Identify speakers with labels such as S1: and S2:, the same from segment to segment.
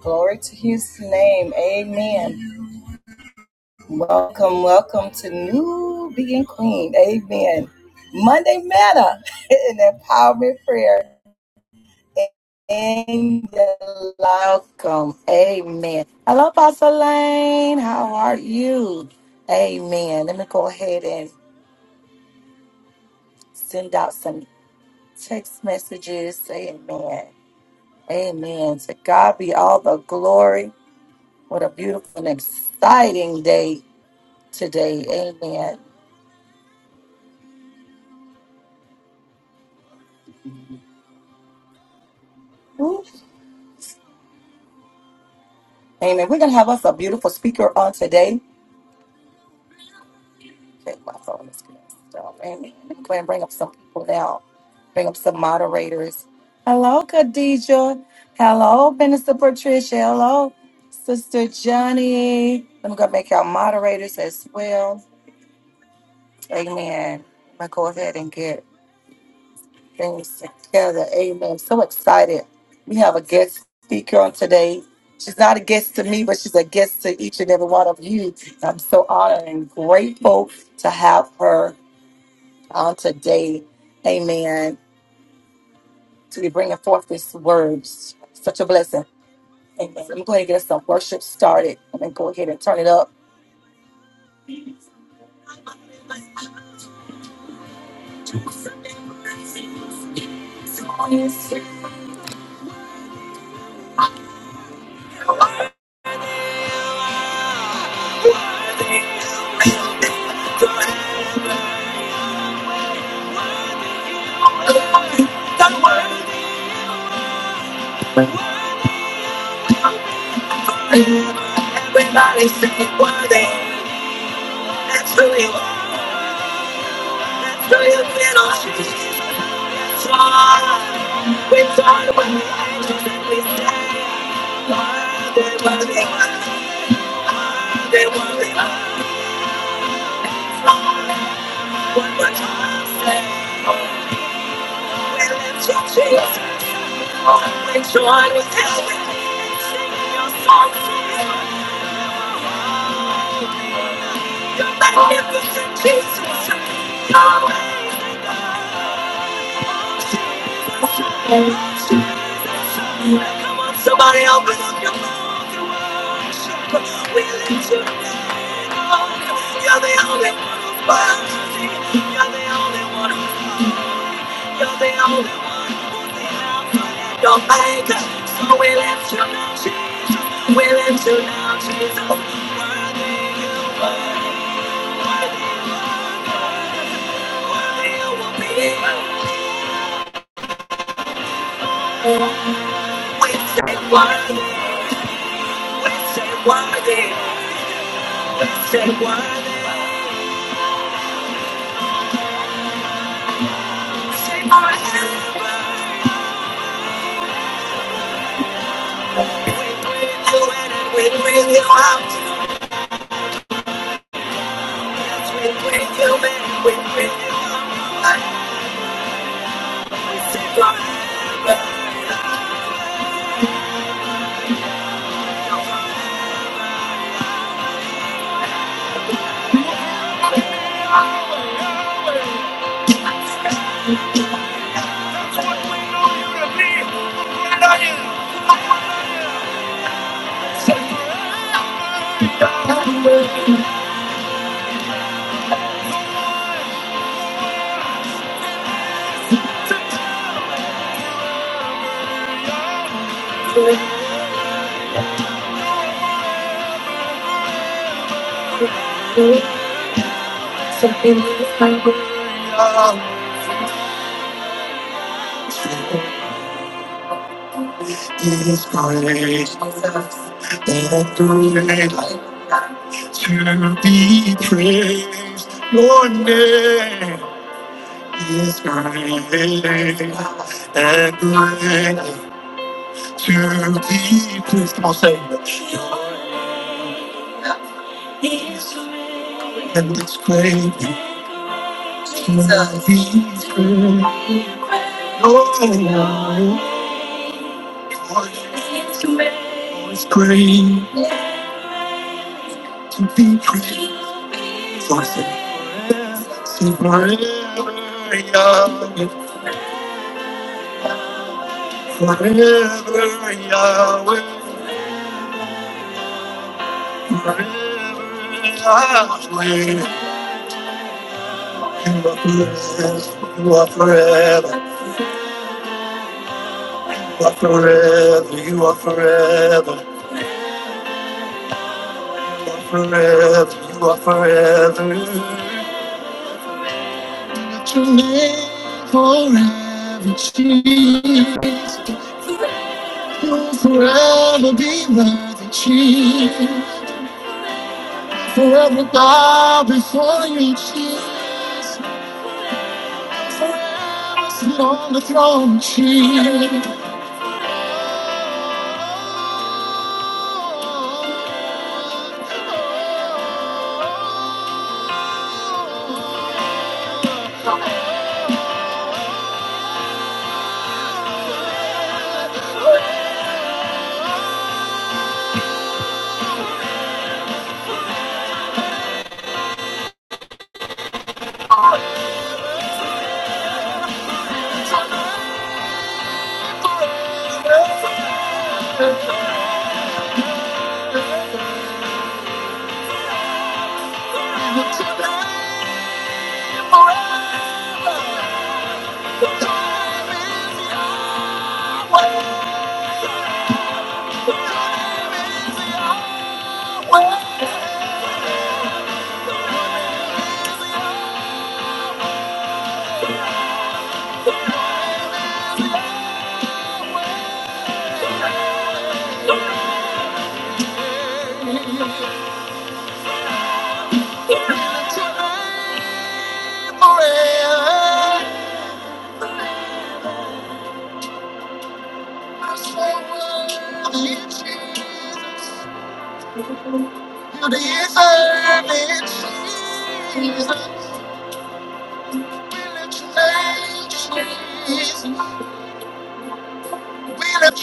S1: Glory to his name. Amen. Welcome, welcome to New Being Queen. Amen. Monday Manna and Empowerment Prayer. And welcome. Amen. Hello, Pastor Lane. How are you? Amen. Let me go ahead and send out some text messages. Amen. Amen. To God be all the glory. What a beautiful and exciting day today. Amen. Woo. Amen. We're going to have us a beautiful speaker on today. Okay, my phone is going stop. Amen. Let me Go ahead and bring up some people now. Bring up some moderators. Hello, Khadija. Hello, Minister Patricia. Hello, Sister Johnny. Let me go make our moderators as well. Amen. I'm going to go ahead and get things together. Amen. So excited. We have a guest speaker on today. She's not a guest to me, but she's a guest to each and every one of you. I'm so honored and grateful to have her on today. Amen. To be bringing forth this word. Such a blessing. Amen. Let me go ahead and get some worship started. I'm going to go ahead and turn it up. The word, everybody's saying word, that's really, that's really a little. We turn away angels and we say, Lord, they worthy, they worthy. One more time, say, we lift you, Jesus. We join with heaven and sing your songs. You're magnificent, Jesus. Yahweh. Come on, somebody open up your mouth and worship. We lift your name up. You're the only one who's worthy. You're the only one who's You're the only one who's the Alpha and Omega. So we lift your name, Jesus. We lift your name, Jesus. Worthy you, worthy, worthy, worthy, worthy you will be. We say worthy, we say worthy. To be praised, Your name is great and great to be praised. Come on, say it. And it's great. Jesus. Oh, to be great. So I said, forever, Yahweh, forever, Yahweh, forever, Yahweh. You are blessed, you are forever, you are forever, you are forever, you are forever, you are forever. Your name forever, Jesus. You'll forever be worthy, Jesus. Forever bow before you, Jesus. Forever sit on the throne, Jesus. Oh, oh, oh, oh, oh, oh.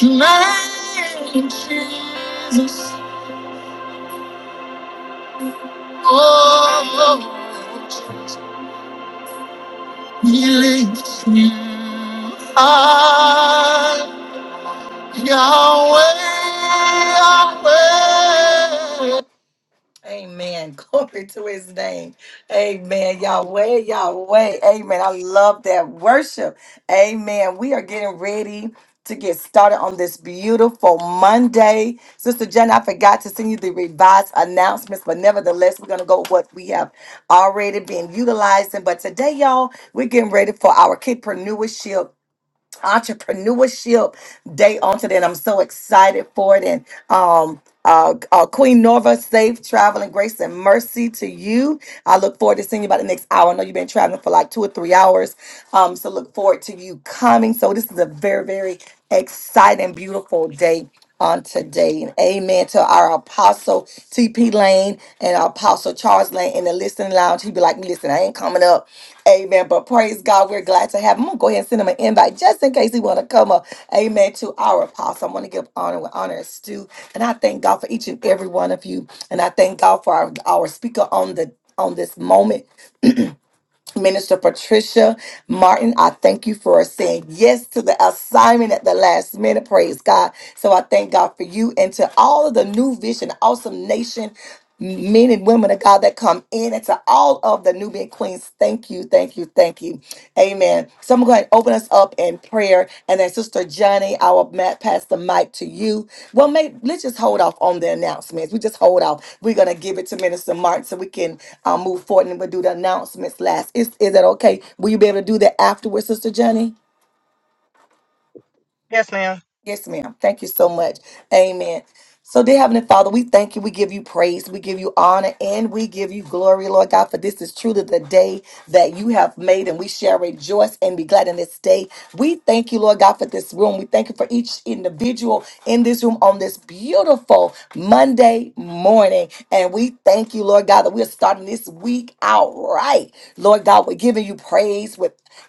S1: Name Jesus, oh, Healing you are Yahweh, Yahweh. Amen. Glory to his name. Amen. Yahweh, Yahweh. Amen. I love that worship. Amen. We are getting ready to get started on this beautiful Monday. Sister Jen, I forgot to send you the revised announcements, but nevertheless, we're going to go with what we have already been utilizing. But today, y'all, we're getting ready for our Kidpreneurship entrepreneurship day on today and i'm so excited for it and um uh, uh, Queen Norva, safe travel and grace and mercy to you. I look forward to seeing you about the next hour. I know you've been traveling for like two or three hours. Um, so look forward to you coming. So this is a very, very exciting, beautiful day on today. And amen to our apostle TP Lane and our apostle Charles Lane in the listening lounge. He'd be like, listen, I ain't coming up. Amen. But praise God, we're glad to have him. I'm gonna go ahead and send him an invite just in case he want to come up. Amen. To our apostle, I want to give honor where honor is due, and I thank God for each and every one of you, and I thank God for our, our speaker on the on this moment. Minister Patricia Martin, I thank you for saying yes to the assignment at the last minute. Praise God. So I thank God for you and to all of the new vision, awesome nation. Men and women of God that come in, and to all of the Nubian queens, thank you, thank you, thank you. Amen. So I'm going to open us up in prayer. And then, Sister Johnny, I will ma- pass the mic to you. Well, may, let's just hold off on the announcements. We just hold off. We're going to give it to Minister Martin so we can uh, move forward and we'll do the announcements last. Is, is that okay? Will you be able to do that afterwards, Sister Johnny?
S2: Yes, ma'am.
S1: Yes, ma'am. Thank you so much. Amen. So, dear Heavenly Father, we thank you. We give you praise. We give you honor and we give you glory, Lord God, for this is truly the day that you have made, and we shall rejoice and be glad in this day. We thank you, Lord God, for this room. We thank you for each individual in this room on this beautiful Monday morning. And we thank you, Lord God, that we are starting this week out right. Lord God, we're giving you praise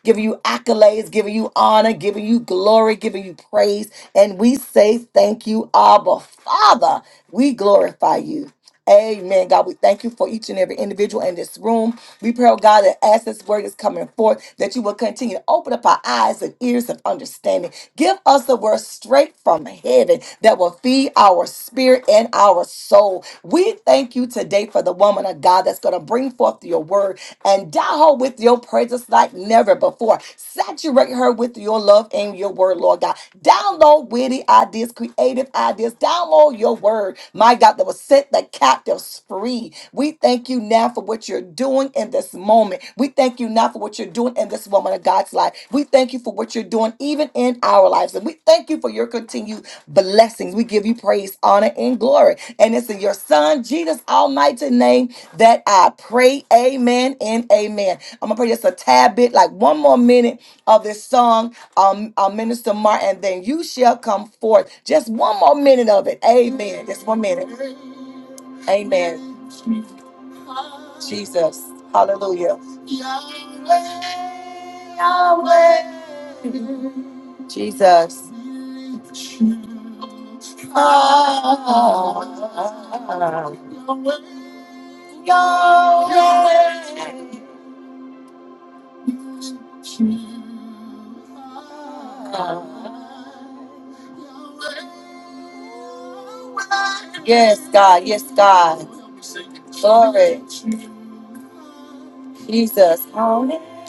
S1: giving you accolades, giving you honor, giving you glory, giving you praise. And we say thank you, Abba Father. We glorify you. Amen. God, we thank you for each and every individual in this room. We pray, oh God, that as this word is coming forth, that you will continue to open up our eyes and ears of understanding. Give us the word straight from heaven that will feed our spirit and our soul. We thank you today for the woman of God that's going to bring forth your word and die her with your presence like never before. Saturate her with your love and your word, Lord God. Download witty ideas, creative ideas. Download your word, my God, that will set the captives free. We thank you now for what you're doing in this moment. We thank you now for what you're doing in this woman of God's life. We thank you for what you're doing even in our lives. And we thank you for your continued blessings. We give you praise, honor, and glory. And it's in your son, Jesus' almighty name, that I pray. Amen and amen. I'm gonna play just a tad bit, like one more minute of this song, um, uh, Minister Martin. Then you shall come forth. Just one more minute of it. Amen. Just one minute. Amen. Jesus. Hallelujah. Jesus. Ah. Yahweh. Yes, God. Yes, God. Glory. Jesus. Hallelujah.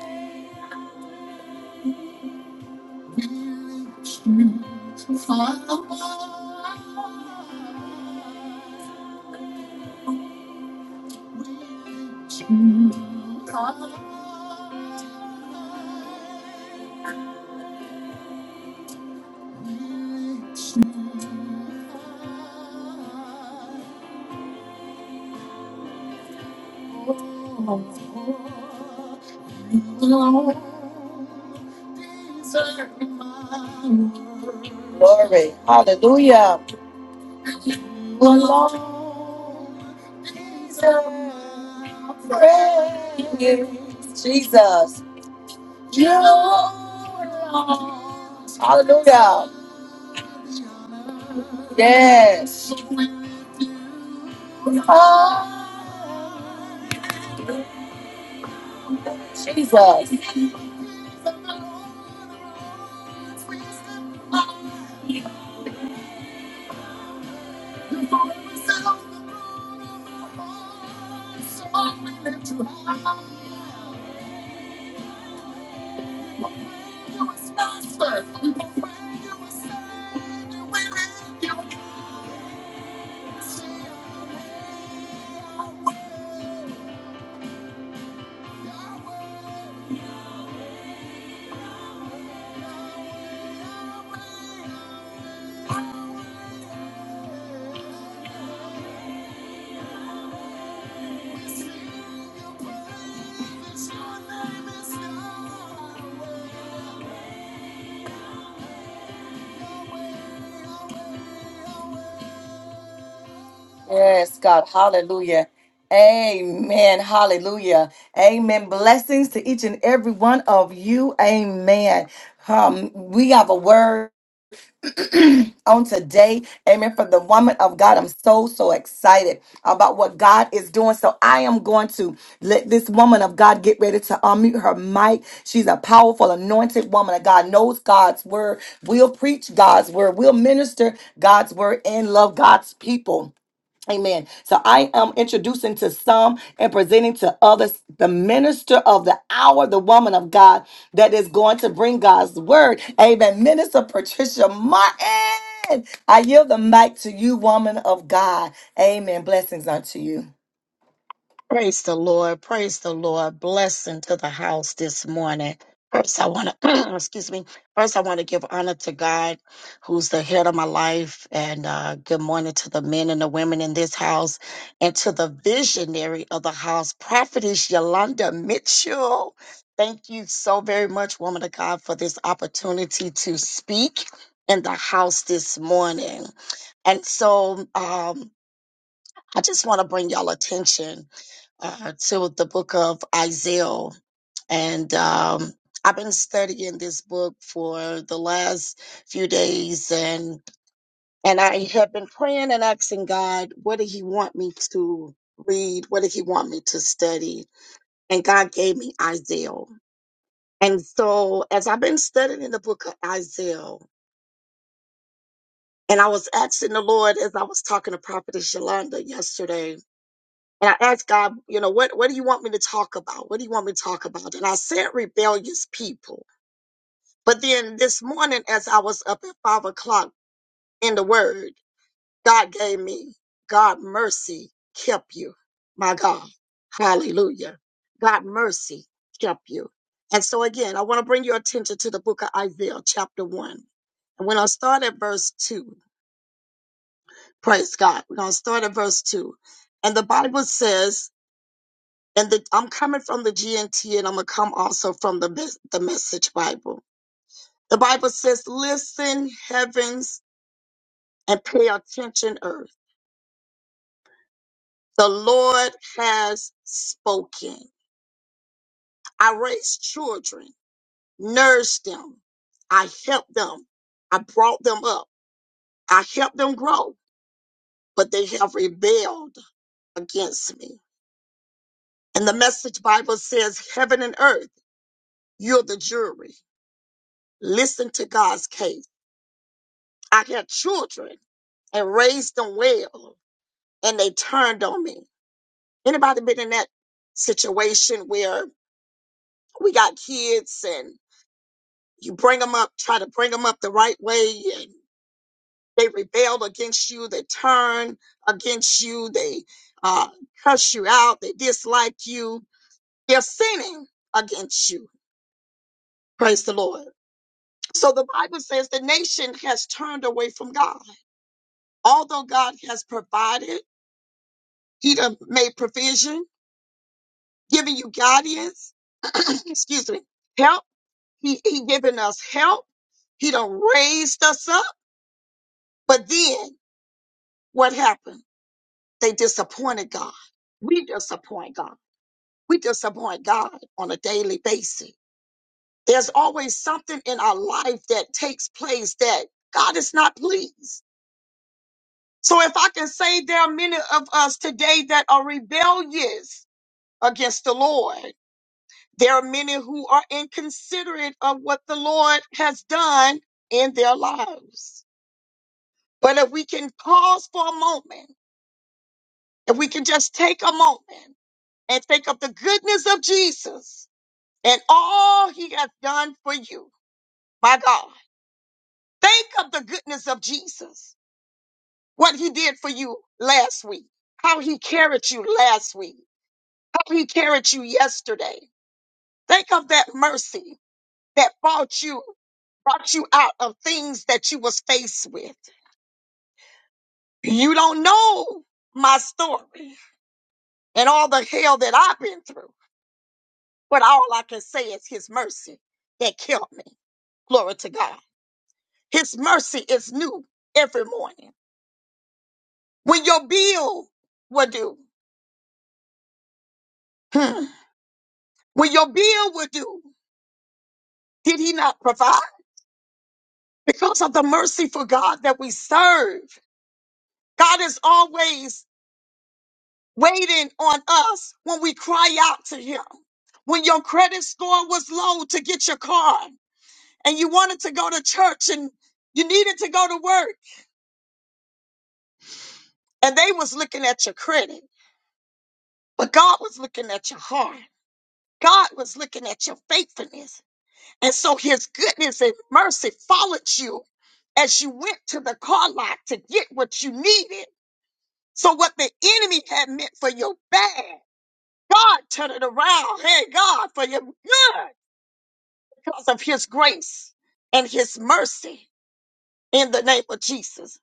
S1: Glory. Hallelujah. Alone is our praise. Jesus. You alone. Hallelujah. Yes. Oh, Jesus. Yes, God. Hallelujah. Amen. Hallelujah. Amen. Blessings to each and every one of you. Amen. Um, we have a word on today. Amen. For the woman of God, I'm so, so excited about what God is doing. So I am going to let this woman of God get ready to unmute her mic. She's a powerful, anointed woman of God, knows God's word, will preach God's word, will minister God's word, and love God's people. Amen. So I am introducing to some and presenting to others the minister of the hour, the woman of God that is going to bring God's word. Amen. Minister Patricia Martin, I yield the mic to you, woman of God. Amen. Blessings unto you.
S3: Praise the Lord. Praise the Lord. Blessing to the house this morning. First, I want to, excuse me. First, I want to give honor to God, who's the head of my life. And uh, good morning to the men and the women in this house and to the visionary of the house, Prophetess Yolanda Mitchell. Thank you so very much, woman of God, for this opportunity to speak in the house this morning. And so um, I just want to bring y'all attention uh, to the book of Isaiah. And um, I've been studying this book for the last few days, and and I have been praying and asking God, what did He want me to read? What did He want me to study? And God gave me Isaiah. And so, as I've been studying the book of Isaiah, and I was asking the Lord as I was talking to Prophetess Yolanda yesterday, And I asked God, you know, what, what do you want me to talk about? What do you want me to talk about? And I said rebellious people. But then this morning, as I was up at five o'clock in the word, God gave me, God mercy kept you. My God. Hallelujah. God mercy kept you. And so again, I want to bring your attention to the book of Isaiah, chapter one. And we're going to start at verse two. Praise God. We're going to start at verse two. And the Bible says, and the, I'm coming from the GNT and I'm going to come also from the, mes- the Message Bible. The Bible says, Listen, heavens, and pay attention, earth. The Lord has spoken. I raised children, nourished them, I helped them, I brought them up, I helped them grow, but they have rebelled against me. And the Message Bible says, Heaven and earth, you're the jury. Listen to God's case. I had children and raised them well and they turned on me anybody been in that situation where we got kids and you bring them up try to bring them up the right way and they rebelled against you they turn against you they uh, curse you out they dislike you they're sinning against you praise the lord so the bible says the nation has turned away from god although god has provided he done made provision giving you guidance. excuse me, help. He he giving us help. He done raised us up. But then what happened? They disappointed God. We disappoint God. We disappoint God on a daily basis. There's always something in our life that takes place that God is not pleased. So if I can say there are many of us today that are rebellious against the Lord, There are many who are inconsiderate of what the Lord has done in their lives. But if we can pause for a moment, if we can just take a moment and think of the goodness of Jesus and all he has done for you, my God, think of the goodness of Jesus, what he did for you last week, how he carried you last week, how he carried you yesterday. Think of that mercy. that brought you brought you out of things that you was faced with. You don't know my story and all the hell that I've been through, but all I can say is his mercy that killed me. Glory to God. His mercy is new every morning. When your bill will do, hmm, when your bill will do, did he not provide? Because of the merciful God that we serve, God is always waiting on us when we cry out to him. When your credit score was low to get your car and you wanted to go to church and you needed to go to work and they was looking at your credit, but God was looking at your heart. God was looking at your faithfulness. And so his goodness and mercy followed you as you went to the car lot to get what you needed. So what the enemy had meant for your bad, God turned it around. Hey, God, for your good. because of his grace and his mercy in the name of Jesus.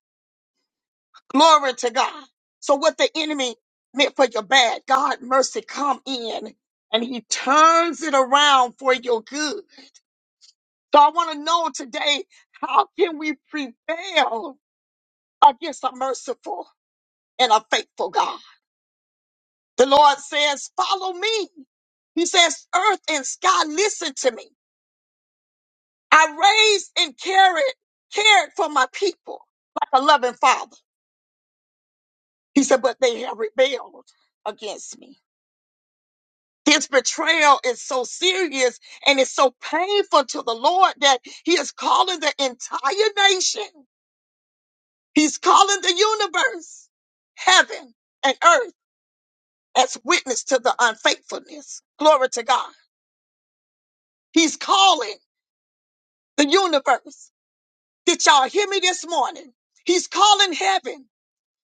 S3: Glory to God. So what the enemy meant for your bad, God mercy come in and he turns it around for your good. So I want to know today, how can we prevail against a merciful and a faithful God? The Lord says, follow me. He says, earth and sky, listen to me. I raised and carried, cared for my people like a loving father. He said, but they have rebelled against me. This betrayal is so serious and it's so painful to the Lord that he is calling the entire nation. He's calling the universe, heaven and earth as witness to the unfaithfulness. Glory to God. He's calling the universe. Did y'all hear me this morning? He's calling heaven.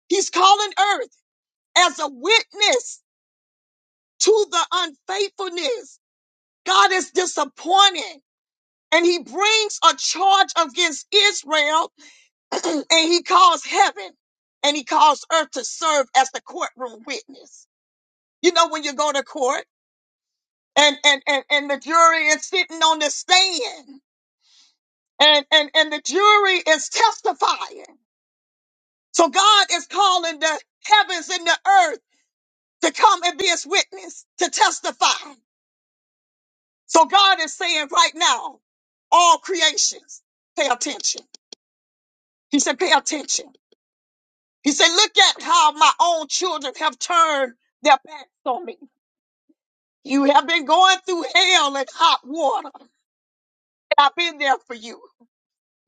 S3: He's calling earth as a witness to the unfaithfulness. God is disappointed and he brings a charge against Israel and he calls heaven and he calls earth to serve as the courtroom witness. You know, when you go to court and, and, and, and the jury is sitting on the stand and, and, and the jury is testifying. So God is calling the heavens and the earth to come and be his witness to testify. So God is saying right now, all creations, pay attention. He said, pay attention He said, Look at how my own children have turned their backs on me. You have been going through hell and hot water. I've been there for you.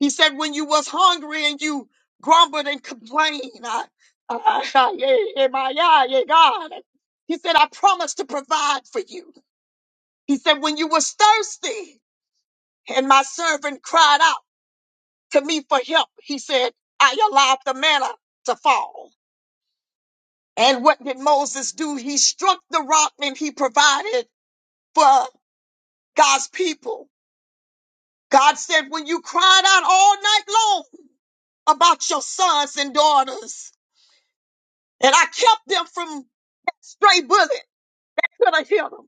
S3: He said, When you was hungry and you grumbled and complained, I, I, I, yeah, yeah, my, yeah, yeah, God. He said, I promised to provide for you. He said, When you was thirsty and my servant cried out to me for help, he said, I allowed the manna to fall. And what did Moses do? He struck the rock and he provided for God's people. God said, when you cried out all night long about your sons and daughters, and I kept them from that stray bullet, that could have hit them.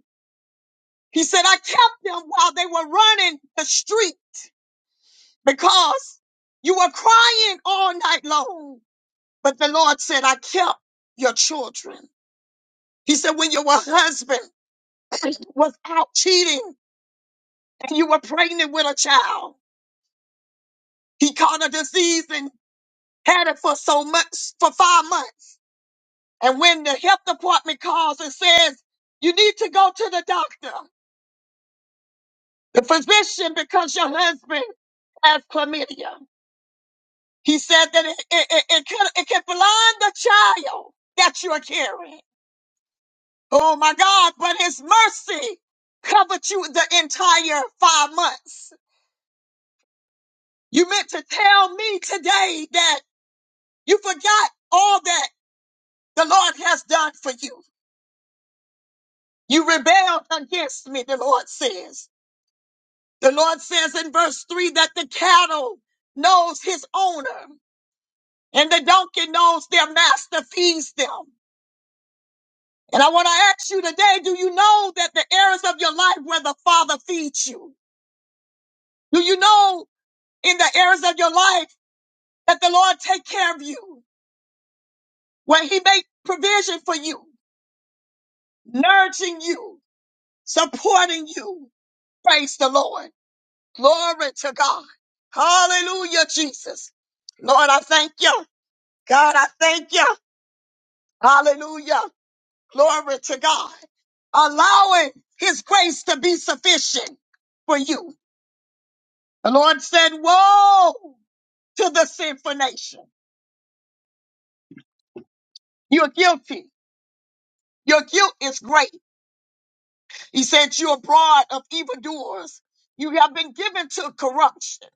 S3: He said, I kept them while they were running the street because you were crying all night long. But the Lord said, I kept your children. He said, when your husband was out cheating and you were pregnant with a child, He caught a disease and had it for so much for five months. And when the health department calls and says, you need to go to the doctor, the physician, because your husband has chlamydia. He said that it, it, it, it, can, it can blind the child that you're carrying. Oh my God, but his mercy covered you the entire five months. You meant to tell me today that you forgot all that the Lord has done for you. You rebelled against me, the Lord says. The Lord says in verse 3 that the cattle knows his owner and the donkey knows their master feeds them. And I want to ask you today do you know that the areas of your life where the Father feeds you? Do you know in the areas of your life that the Lord take care of you, where he make provision for you, nurturing you, supporting you? Praise the Lord. Glory to God. Hallelujah, Jesus. Lord, I thank you. God, I thank you. Hallelujah. Glory to God. Allowing his grace to be sufficient for you. The Lord said, Woe to the sinful nation. You're guilty. Your guilt is great. He said, You're abroad of evildoers. You have been given to corruption.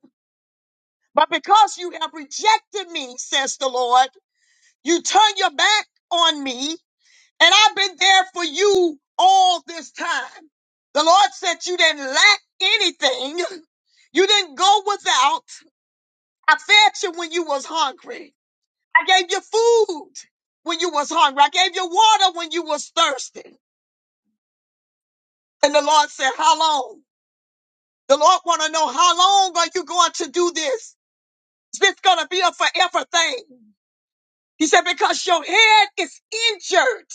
S3: But because you have rejected me, says the Lord, you turn your back on me And I've been there for you all this time. The Lord said you didn't lack anything. You didn't go without. I fed you when you was hungry. I gave you food when you was hungry. I gave you water when you was thirsty. And the Lord said, how long? The Lord want to know how long are you going to do this? Is this going to be a forever thing? He said, because your head is injured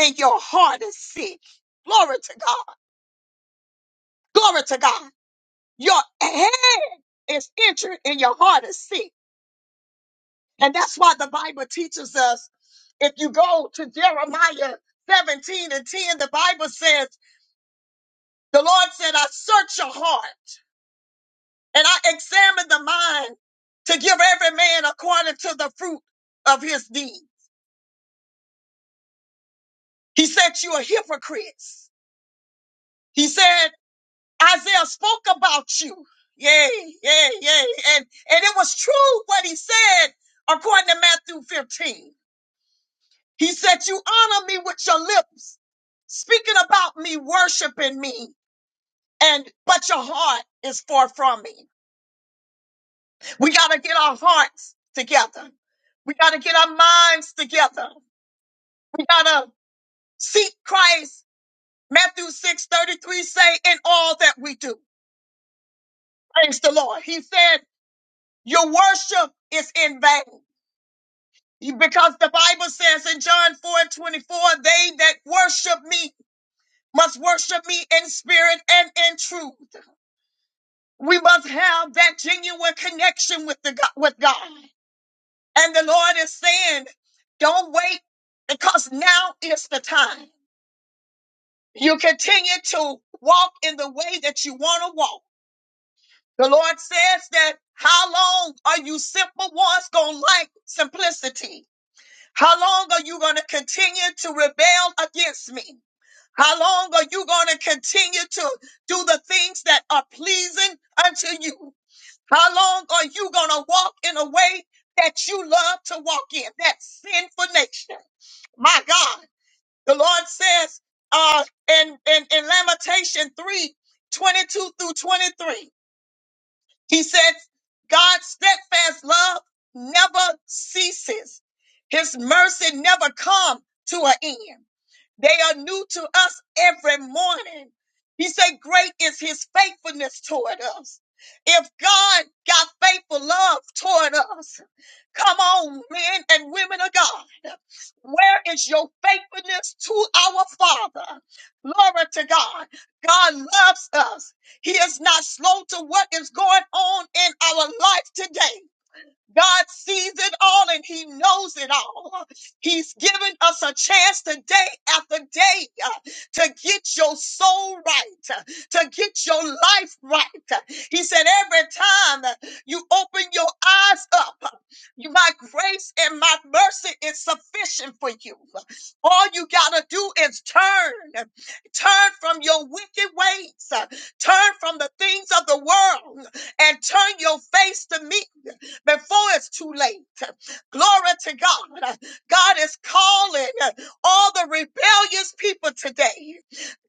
S3: and your heart is sick. Glory to God. Glory to God. Your head is injured and your heart is sick. And that's why the Bible teaches us if you go to Jeremiah 17 and 10, the Bible says, The Lord said, I search your heart and I examine the mind to give every man according to the fruit of his deed. He said, You are hypocrites. He said, Isaiah spoke about you. Yay, yay, yay. And, and it was true what he said according to Matthew 15. He said, You honor me with your lips, speaking about me, worshiping me, and but your heart is far from me. We gotta get our hearts together. We gotta get our minds together. We gotta seek Christ. Matthew 6 33 say, in all that we do. Praise the Lord. He said, Your worship is in vain. Because the Bible says in John 4 and 24, they that worship me must worship me in spirit and in truth. We must have that genuine connection with the God, with God. And the Lord is saying, don't wait because now is the time. You continue to walk in the way that you want to walk. The Lord says that how long are you simple ones going to like simplicity? How long are you going to continue to rebel against me? How long are you going to continue to do the things that are pleasing unto you? How long are you going to walk in a way that you love to walk in? That sinful nature. My God. The Lord says uh, in, in, in Lamentation 3, 22 through 23, He says, God's steadfast love never ceases, His mercy never come to an end. They are new to us every morning. He said, Great is his faithfulness toward us. If God got faithful love toward us, come on, men and women of God. Where is your faithfulness to our Father? Glory to God. God loves us. He is not slow to what is going on in our life today. God sees it all and he knows it all. He's given us a chance today after day uh, to get your soul right, uh, to get your life right. He said, every time uh, you open your eyes up, uh, you- my grace and my mercy is sufficient for you. All you got to do is turn, turn from your wicked ways, uh, turn from the things of the world and turn your face to me before it's too late. Glory to God. God is calling all the rebellious people today.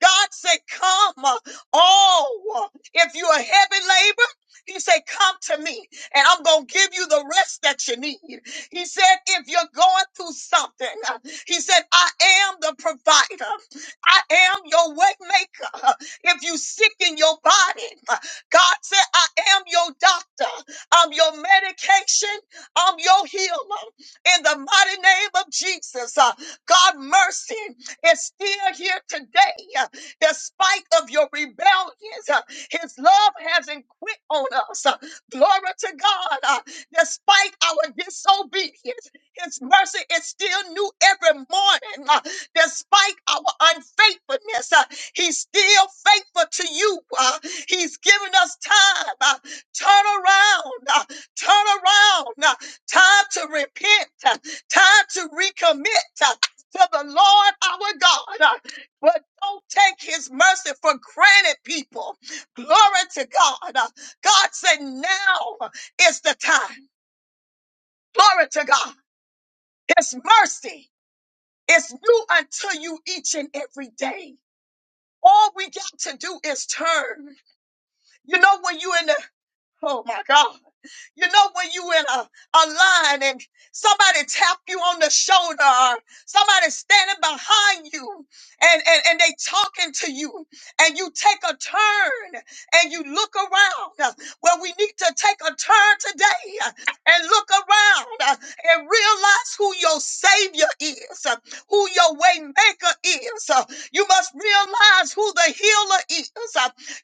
S3: God said, Come, all. If you're a heavy labor, he said, Come to me, and I'm going to give you the rest that you need. He said, If you're going through something, he said, I am the provider, I am your way maker. If you sick in your body, God said, I am your doctor. I'm your medication. I'm your healer. In the mighty name of Jesus, uh, God mercy is still here today. uh, Despite of your rebellions, uh, his love hasn't quit on us. uh, Glory to God. uh, Despite our disobedience, his mercy is still new every morning. uh, Despite our unfaithfulness, uh, he's still faithful to you. uh, He's given us time. Uh, Turn around, uh, turn around. uh, Time to repent, uh, time to recommit uh, to the Lord our God. uh, But don't take his mercy for granted, people. Glory to God. uh, God said, Now is the time. Glory to God. His mercy is new unto you each and every day. All we got to do is turn. You know, when you're in Oh my God. You know when you in a, a line and somebody tap you on the shoulder or somebody standing behind you and, and, and they talking to you and you take a turn and you look around. Well, we need to take a turn today and look around and realize who your savior is, who your way maker is. You must realize who the healer is.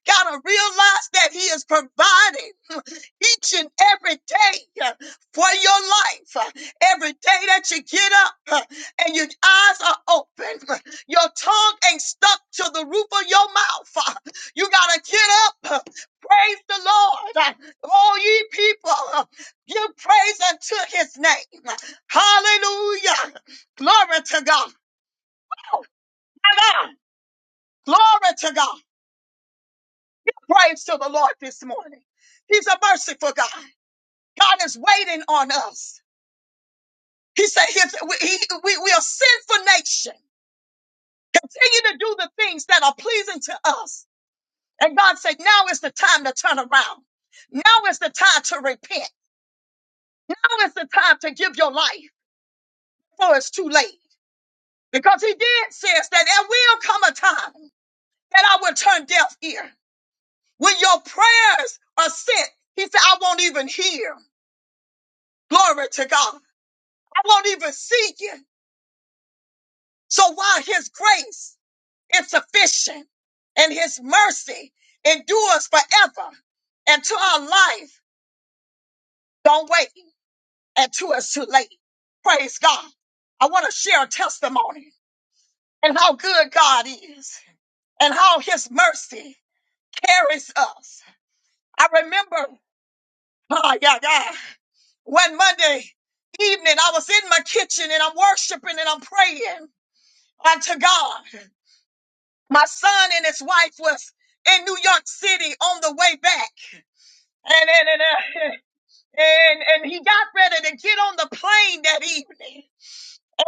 S3: Gotta realize that he is providing each and every day uh, for your life. Uh, Every day that you get up uh, and your eyes are open, uh, your tongue ain't stuck to the roof of your mouth. Uh, You got to get up. uh, Praise the Lord. Uh, All ye people, uh, give praise unto his name. uh, Hallelujah. Glory to God. Hallelujah. Glory to God. Praise to the Lord this morning. He's a merciful God. God is waiting on us. He said, he, we, he- we, we are sinful nation. Continue to do the things that are pleasing to us. And God said, now is the time to turn around. Now is the time to repent. Now is the time to give your life before it's too late. Because he did says that there will come a time that I will turn deaf ear. When your prayers are sent, he said, I won't even hear. Glory to God. I won't even see you. So while his grace is sufficient and his mercy endures forever and to our life don't wait until it's too late. Praise God. I want to share a testimony and how good God is and how his mercy carries us. I remember, oh, yeah, yeah, one Monday evening, I was in my kitchen and I'm worshiping and I'm praying unto God. My son and his wife was in New York City on the way back. and and and, uh, and and he got ready to get on the plane that evening.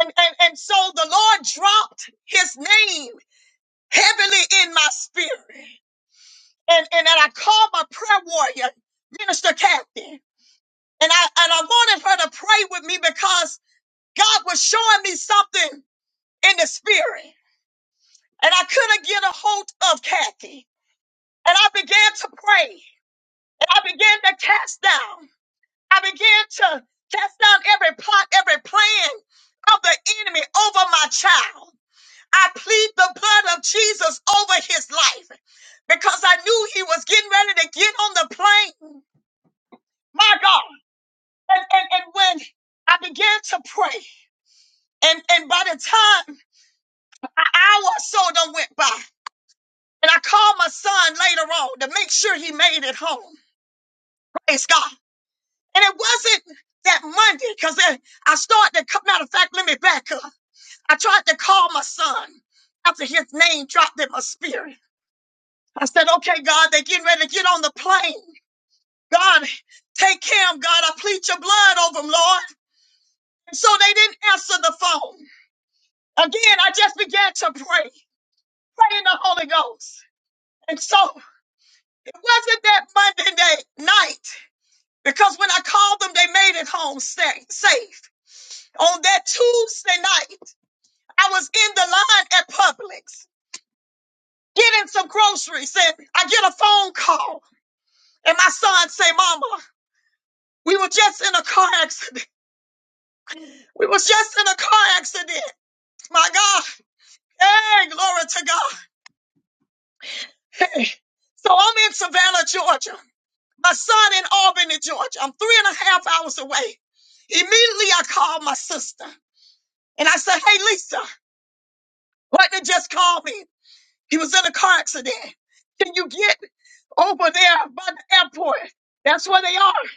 S3: And, and and so the Lord dropped his name heavily in my spirit. And and then I called my prayer warrior, Minister Captain. And I and I wanted her to pray with me because God was showing me something in the spirit. And I couldn't get a hold of Kathy. And I began to pray. And I began to cast down. I began to cast down every plot, every plan of the enemy over my child. I plead the blood of Jesus over his life because I knew he was getting ready to get on the plane. My God. And, and, and when I began to pray, and, and by the time an hour or so done went by, and I called my son later on to make sure he made it home. Praise God. And it wasn't that Monday because I started to come. Matter of fact, let me back up. I tried to call my son after his name dropped in my spirit. I said, okay, God, they're getting ready to get on the plane. God, take care of 'em, God. I plead your blood over him, Lord. And so they didn't answer the phone. Again, I just began to pray, pray in the Holy Ghost. And so it wasn't that Monday day, night, because when I called them, they made it home sa- safe. On that Tuesday night, I was in the line at Publix getting some groceries, and I get a phone call. And my son say, Mama, we were just in a car accident. We was just in a car accident. My God. Hey, glory to God. Hey. So I'm in Savannah, Georgia. My son in Albany, Georgia. I'm three and a half hours away. Immediately I called my sister and I said, Hey Lisa, Lightning just called me. He was in a car accident. Can you get over there by the airport? That's where they are.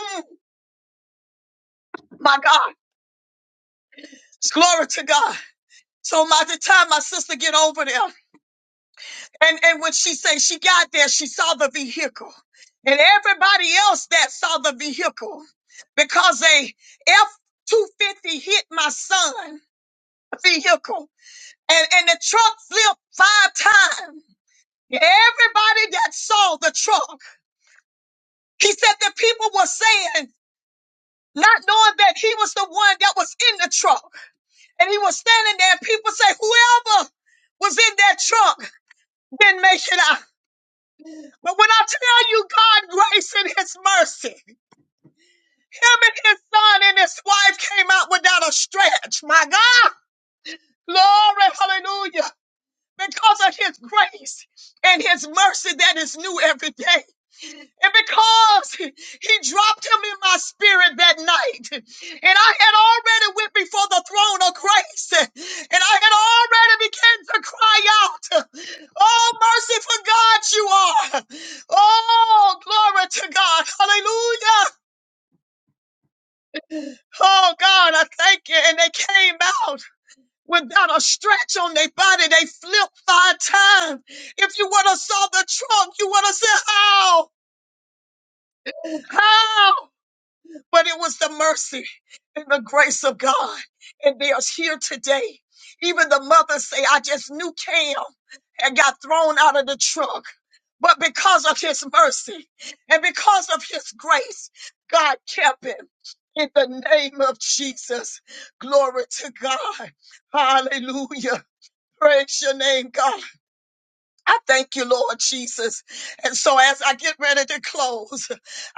S3: Mm, my God. Glory to God. So by the time my sister get over there, And and when she said she got there, she saw the vehicle. And everybody else that saw the vehicle because a F two fifty hit my son vehicle. And and the truck flipped five times. Everybody that saw the truck, he said that people were saying, not knowing that he was the one that was in the truck. And he was standing there, and people say, Whoever was in that truck didn't make it out. But when I tell you God grace and his mercy, him and his son and his wife came out without a stretch. My God, glory, hallelujah. Because of his grace and his mercy that is new every day. And because he dropped him in my spirit that night, and I had already went before the throne of grace, and I had already began to cry out, Oh, merciful God, you are. Oh, glory to God. Hallelujah. Oh, God, I thank you. And they came out. Without a stretch on their body, they flipped five times. If you would have saw the trunk, you would have said, "How? How?" but it was the mercy and the grace of God. And they are here today. Even the mothers say, I just knew Cam had got thrown out of the truck. But because of his mercy and because of his grace, God kept him. In the name of Jesus. Glory to God. Hallelujah. Praise your name, God. I thank you, Lord Jesus. And so as I get ready to close,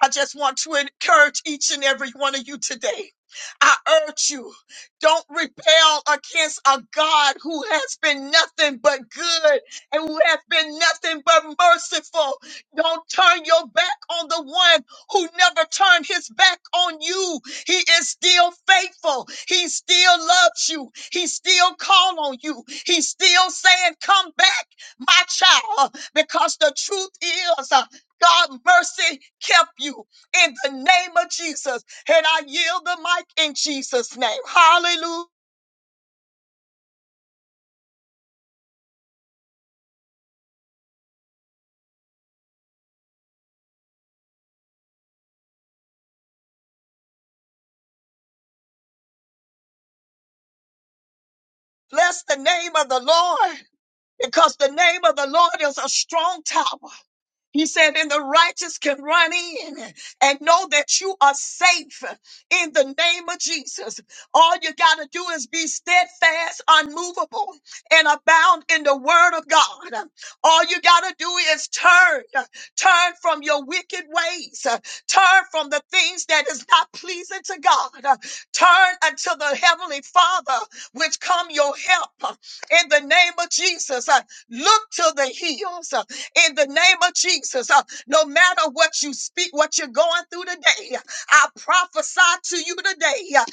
S3: I just want to encourage each and every one of you today. I urge you, don't rebel against a God who has been nothing but good and who has been nothing but merciful. Don't turn your back on the one who never turned his back on you. He is still faithful. He still loves you. He still called on you. He's still saying, come back my child, because the truth is, uh, God mercy kept you in the name of Jesus. And I yield the mic in Jesus' name. Hallelujah. Bless the name of the Lord because the name of the Lord is a strong tower He said, and the righteous can run in and know that you are safe in the name of Jesus. All you got to do is be steadfast, unmovable, and abound in the word of God. All you got to do is turn, turn from your wicked ways, turn from the things that is not pleasing to God, turn unto the heavenly Father, which come your help in the name of Jesus. Look to the hills in the name of Jesus. Uh, no matter what you speak, what you're going through today, uh, I prophesy to you today uh,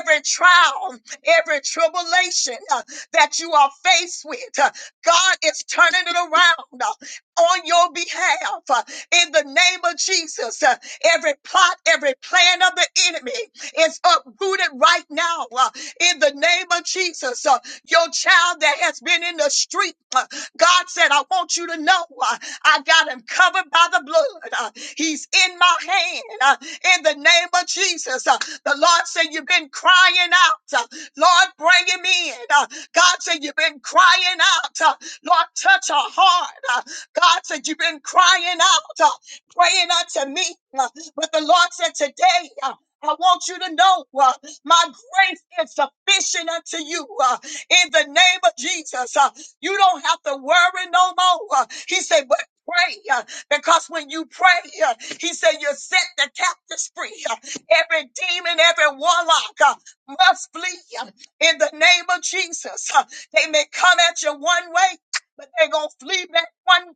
S3: every trial, every tribulation uh, that you are faced with, uh, God is turning it around uh, on your behalf uh, in the name of Jesus. Uh, every plot, every plan of the enemy is uprooted right now uh, in the name of Jesus. Uh, your child that has been in the street. uh, God said, I want you to know uh, I got him covered by the blood. Uh, He's in my hand uh, in the name of Jesus. Uh, The Lord said, You've been crying out. Uh, Lord, bring him in. Uh, God said, You've been crying out. Uh, Lord, touch her heart. Uh, God said, You've been crying out, uh, praying unto me. Uh, But the Lord said, Today, uh, I want you to know uh, my grace is sufficient unto you uh, in the name of Jesus. Uh, you don't have to worry no more. Uh, He said, but pray uh, because when you pray, uh, he said, you set the captives free. Uh, Every demon, every warlock uh, must flee uh, in the name of Jesus. Uh, They may come at you one way. But they're gonna flee back one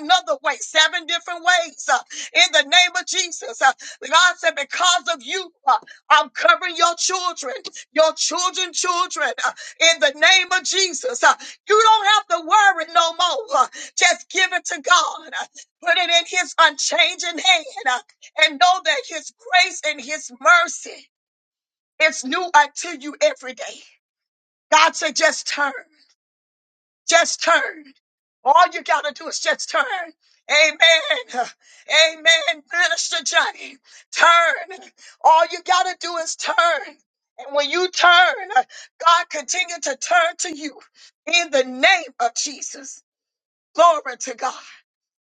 S3: another way, seven different ways. uh, in the name of Jesus, Uh, God said, because of you, uh, I'm covering your children, your children, children. uh, in the name of Jesus. uh, you don't have to worry no more. Just give it to God. Put it in His unchanging hand and know that His grace and His mercy is new unto you every day. God said, just turn, just turn. All you got to do is just turn. Amen. Amen. Minister Johnny, turn. All you got to do is turn. And when you turn, God continue to turn to you in the name of Jesus. Glory to God.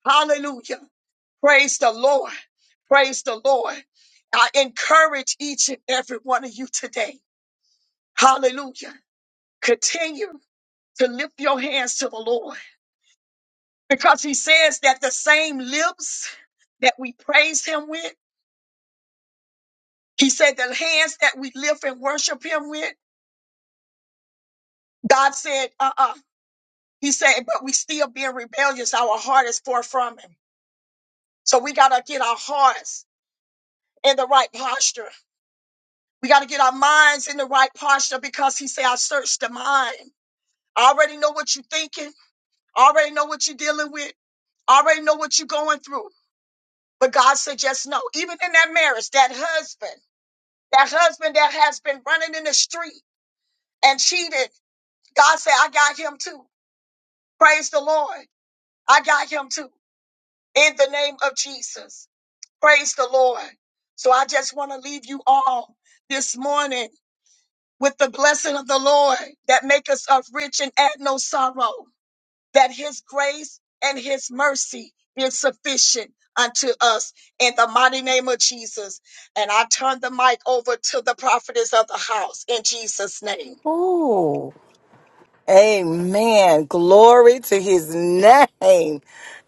S3: Hallelujah. Praise the Lord. Praise the Lord. I encourage each and every one of you today. Hallelujah. Continue to lift your hands to the Lord because he says that the same lips that we praise him with, he said the hands that we lift and worship him with, God said, uh uh He said, but we still being rebellious. Our heart is far from him. So we got to get our hearts in the right posture. We got to get our minds in the right posture because he said, I searched the mind. I already know what you're thinking. I already know what you're dealing with. I already know what you're going through. But God said, just no. Even in that marriage, that husband, that husband that has been running in the street and cheated, God said, I got him too. Praise the Lord. I got him too. In the name of Jesus. Praise the Lord. So I just want to leave you all this morning with the blessing of the Lord that make us of rich and add no sorrow, that his grace and his mercy is sufficient unto us in the mighty name of Jesus. And I turn the mic over to the prophetess of the house in Jesus' name.
S1: Oh, Amen. Glory to his name.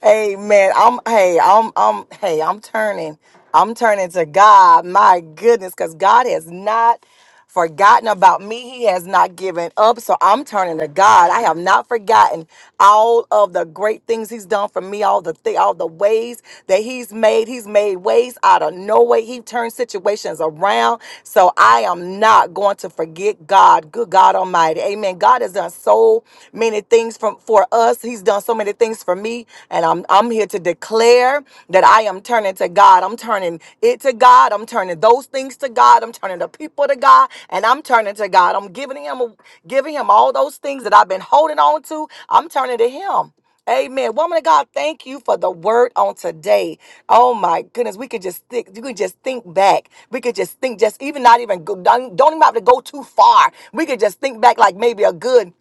S1: Amen. I'm hey, I'm I'm hey, I'm turning. I'm turning to God. My goodness, because God has not forgotten about me. He has not given up. So I'm turning to God. I have not forgotten all of the great things He's done for me, all the thi- all the ways that He's made. He's made ways out of no way. He turned situations around. So I am not going to forget God. Good God Almighty. Amen. God has done so many things from for us. He's done so many things for me. And I'm I'm here to declare that I am turning to God. I'm turning it to God. I'm turning those things to God. I'm turning the people to God and I'm turning to God. I'm giving him giving him all those things that I've been holding on to. I'm turning to him. Amen. Woman of God, thank you for the word on today. Oh my goodness, we could just think, you could just think back. We could just think, just even not even go, don't, don't even have to go too far. We could just think back like maybe a good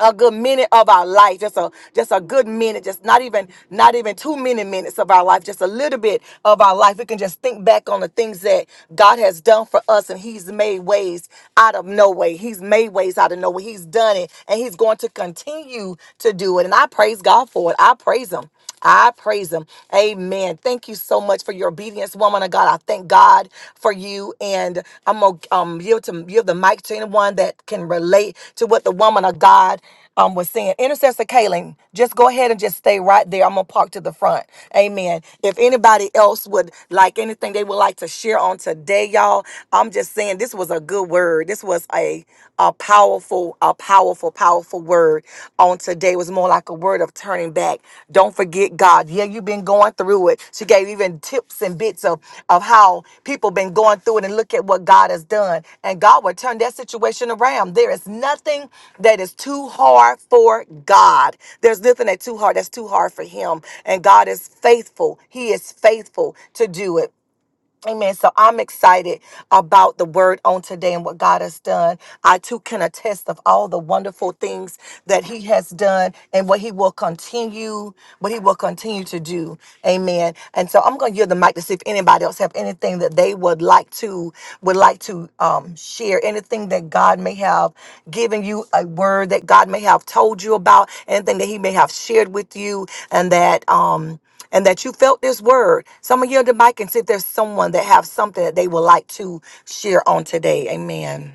S1: a good minute of our life just a just a good minute just not even not even too many minutes of our life just a little bit of our life we can just think back on the things that god has done for us and he's made ways out of no way he's made ways out of no way he's done it and he's going to continue to do it and i praise god for it i praise him I praise him. Amen. Thank you so much for your obedience, woman of God. I thank God for you. And I'm going to um, yield, to, yield the mic to anyone that can relate to what the woman of God um, was saying. Intercessor Kaylin, just go ahead and just stay right there. I'm going to park to the front. Amen. If anybody else would like anything they would like to share on today, y'all, I'm just saying this was a good word. This was a, a powerful, a powerful, powerful word on today. It was more like a word of turning back. Don't forget God. Yeah, you've been going through it. She gave even tips and bits of, of how people been going through it and look at what God has done. And God will turn that situation around. There is nothing that is too hard for God. There's nothing that's too hard that's too hard for him. And God is faithful. He is faithful to do it. Amen. So I'm excited about the word on today and what God has done. I too can attest of all the wonderful things that He has done and what He will continue, what He will continue to do. Amen. And so I'm going to give the mic to see if anybody else have anything that they would like to would like to um, share. Anything that God may have given you, a word that God may have told you about, anything that He may have shared with you, and that. Um, and that you felt this word. Some of you on the mic and see if there's someone that have something that they would like to share on today. Amen.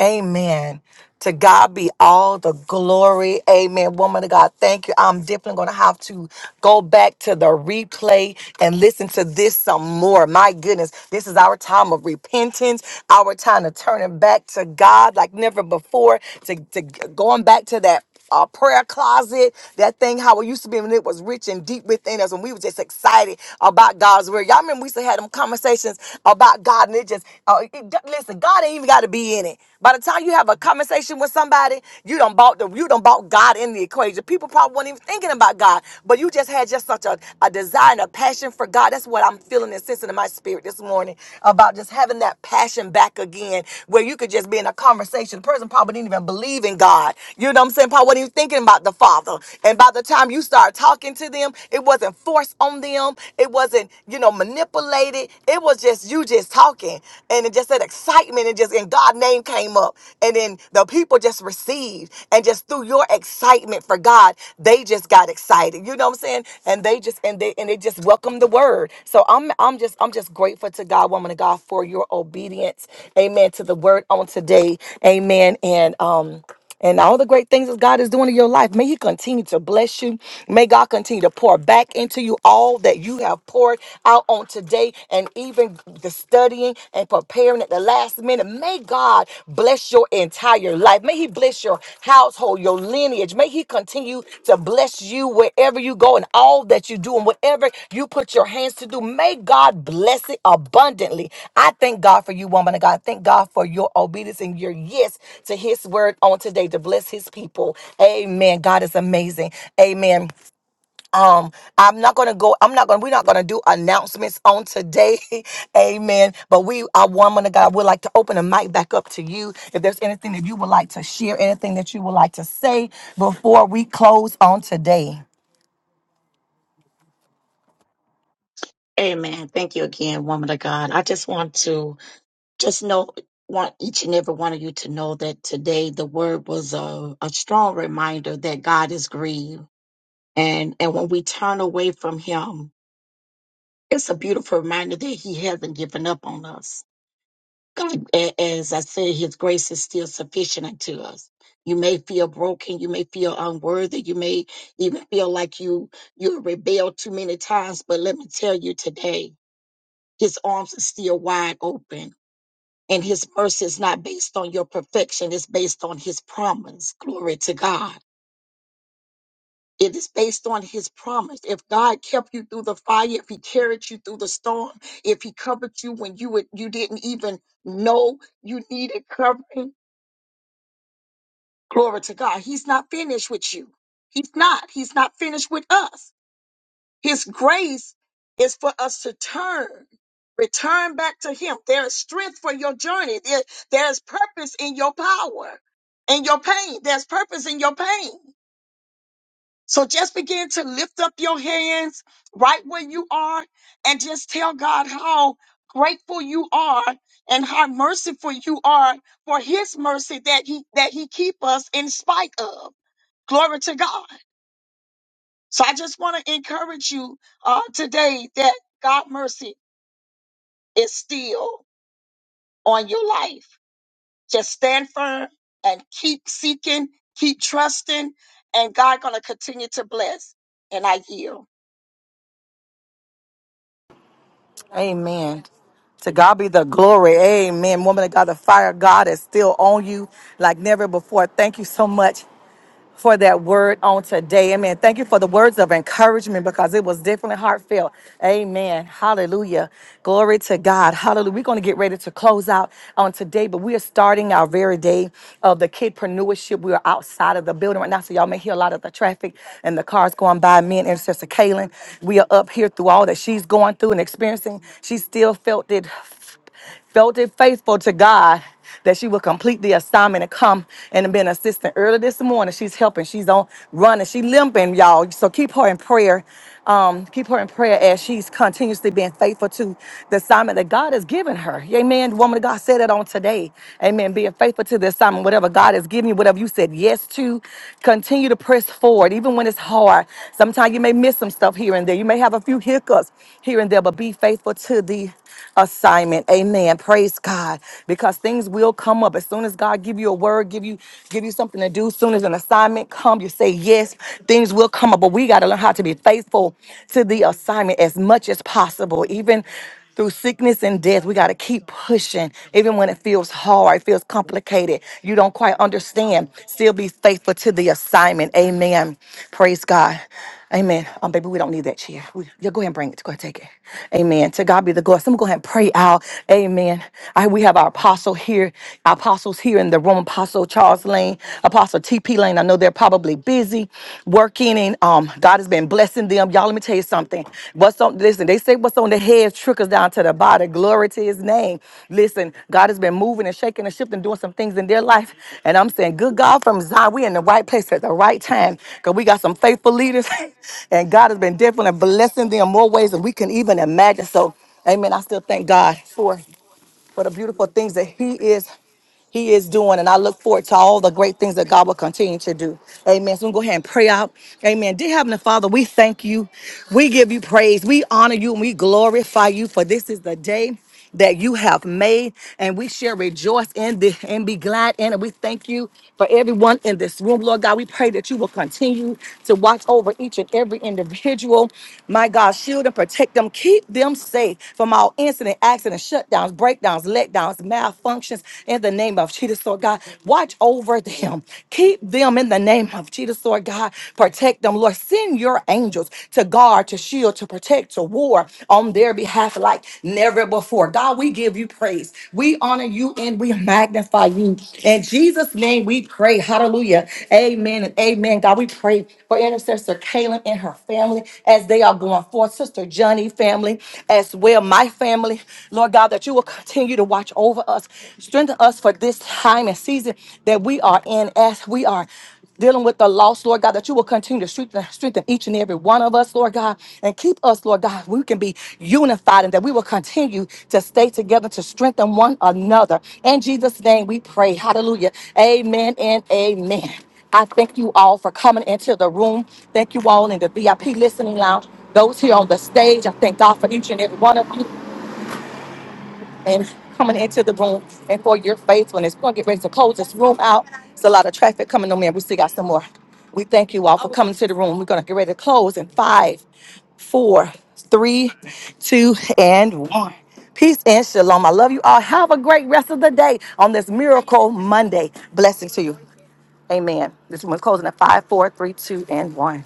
S1: Amen. To God be all the glory. Amen. Woman of God, thank you. I'm definitely going to have to go back to the replay and listen to this some more. My goodness, this is our time of repentance, our time of turning back to God like never before, to, to going back to that our prayer closet, that thing how it used to be when it was rich and deep within us, when we were just excited about God's word. Y'all remember we used to have them conversations about God, and it just uh, it- listen, God ain't even got to be in it. By the time you have a conversation with somebody, you don't bought the you don't bought God in the equation. People probably weren't even thinking about God, but you just had just such a, a desire and a passion for God. That's what I'm feeling and sensing in my spirit this morning about just having that passion back again where you could just be in a conversation. The person probably didn't even believe in God. You know what I'm saying? Probably wasn't even thinking about the Father. And by the time you start talking to them, it wasn't forced on them. It wasn't, you know, manipulated. It was just you just talking. And it just that excitement and just in God's name came up. And then the people just received and just through your excitement for God. God, they just got excited. You know what I'm saying? And they just and they and they just welcomed the word. So I'm I'm just I'm just grateful to God, woman of God, for your obedience. Amen. To the word on today. Amen. And um and all the great things that God is doing in your life. May He continue to bless you. May God continue to pour back into you all that you have poured out on today and even the studying and preparing or at the last minute. May God bless your entire life. May He bless your household, your lineage. May He continue to bless you wherever you go and all that you do and whatever you put your hands to do. May God bless it abundantly. I thank God for you, woman of God. Thank God for your obedience and your yes to His word on today to bless His people. Amen. God is amazing. Amen. Um, I'm not gonna go. I'm not gonna. We're not gonna do announcements on today, Amen. But we, our woman of God, would like to open the mic back up to you. If there's anything that you would like to share, anything that you would like to say before we close on today.
S3: Amen. Thank you again, woman of God. I just want to just know want each and every one of you to know that today the word was a, a strong reminder that God is grieved. And and when we turn away from him, It's a beautiful reminder that He hasn't given up on us. God, a- as I said, His grace is still sufficient unto us. You may feel broken, you may feel unworthy, you may even feel like you you rebelled too many times. But let me tell you today, His arms are still wide open. And his mercy is not based on your perfection, it's based on his promise. Glory to God. It is based on his promise. If God kept you through the fire, if he carried you through the storm, if he covered you when you would, you didn't even know you needed covering, glory to God. He's not finished with you. He's not. He's not finished with us. His grace is for us to turn. Return back to him. There is strength for your journey. There, there's purpose in your power and your pain. There's purpose in your pain. So just begin to lift up your hands right where you are and just tell God how grateful you are and how merciful you are for his mercy that he that he keep us in spite of. Glory to God. So I just want to encourage you uh, today that God mercy is still on your life. Just stand firm and keep seeking, keep trusting, and God gonna continue to bless. And I yield.
S1: Amen. To God be the glory. Amen. Woman of God, the fire of God is still on you like never before. Thank you so much for that word on today. Amen. Thank you for the words of encouragement because it was definitely heartfelt. Amen. Hallelujah. Glory to God. Hallelujah. We're going to get ready to close out on today, but we are starting our very day of the kidpreneurship. We are outside of the building right now, so y'all may hear a lot of the traffic and the cars going by. Me and Intercessor Kaylin, we are up here through all that she's going through and experiencing. She still felt it felt it faithful to God that she would complete the assignment and come and be an assistant. Early this morning, she's helping. She's on running. She limping, y'all. So keep her in prayer. Um, keep her in prayer as she's continuously being faithful to the assignment that God has given her. Amen. The Woman of God said it on today. Amen. Being faithful to the assignment, whatever God has given you, whatever you said yes to, continue to press forward, even when it's hard. Sometimes you may miss some stuff here and there. You may have a few hiccups here and there, but be faithful to the assignment. Amen in. Praise God. Because things will come up. As soon as God give you a word, give you give you something to do, as soon as an assignment come, you say yes, things will come up. But we got to learn how to be faithful to the assignment as much as possible. Even through sickness and death, we got to keep pushing. Even when it feels hard, it feels complicated, you don't quite understand, still be faithful to the assignment. Amen. Praise God. Amen. Um, baby, we don't need that chair. We, yeah, go ahead and bring it. Go ahead, take it. Amen. To God be the glory. So I'm gonna go ahead and pray out. Amen. I, we have our apostle here, our apostles here in the room. Apostle Charles Lane, Apostle T.P. Lane. I know they're probably busy working, and um, God has been blessing them. Y'all, let me tell you something. What's on? Listen, they. It said, What's on the head trickles down to the body. Glory to his name. Listen, God has been moving and shaking and shifting, doing some things in their life. And I'm saying, Good God from Zion, we in the right place at the right time because we got some faithful leaders. and God has been definitely blessing them more ways than we can even imagine. So, amen. I still thank God for, for the beautiful things that he is. He is doing, and I look forward to all the great things that God will continue to do. Amen. So we go ahead and pray out. Amen. Dear Heavenly Father, we thank you. We give you praise. We honor you and we glorify you for this is the day that you have made, and we shall rejoice in this and be glad in it. We thank you for everyone in this room, Lord God. We pray that you will continue to watch over each and every individual. My God, shield and protect them, keep them safe from all incident, accidents, shutdowns, breakdowns, letdowns, malfunctions in the name of Jesus, Lord God. Watch over them. Keep them in the name of Jesus, Lord God. Protect them, Lord. Send your angels to guard, to shield, to protect, to war on their behalf like never before. God, we give you praise. We honor you and we magnify you. In Jesus' name we pray. Hallelujah. Amen and amen. God, we pray for intercessor Kaylin and her family as they are going forth. Sister Johnny family as well. My family, Lord God that you will continue to watch over us, strengthen us for this time and season that we are in as we are dealing with the loss, Lord God, that you will continue to strengthen, strengthen each and every one of us, Lord God, and keep us, Lord God, we can be unified and that we will continue to stay together to strengthen one another. In Jesus' name we pray. Hallelujah. Amen and amen. I thank you all for coming into the room. Thank you all in the VIP listening lounge. Those here on the stage, I thank God for each and every one of you and coming into the room and for your faithfulness. We're going to get ready to close this room out. It's a lot of traffic coming on, man. We still got some more. We thank you all for coming to the room. We're going to get ready to close in five, four, three, two, and one. Peace and shalom. I love you all. Have a great rest of the day on this Miracle Monday. Blessings to you. Amen. This room is closing at five, four, three, two, and one.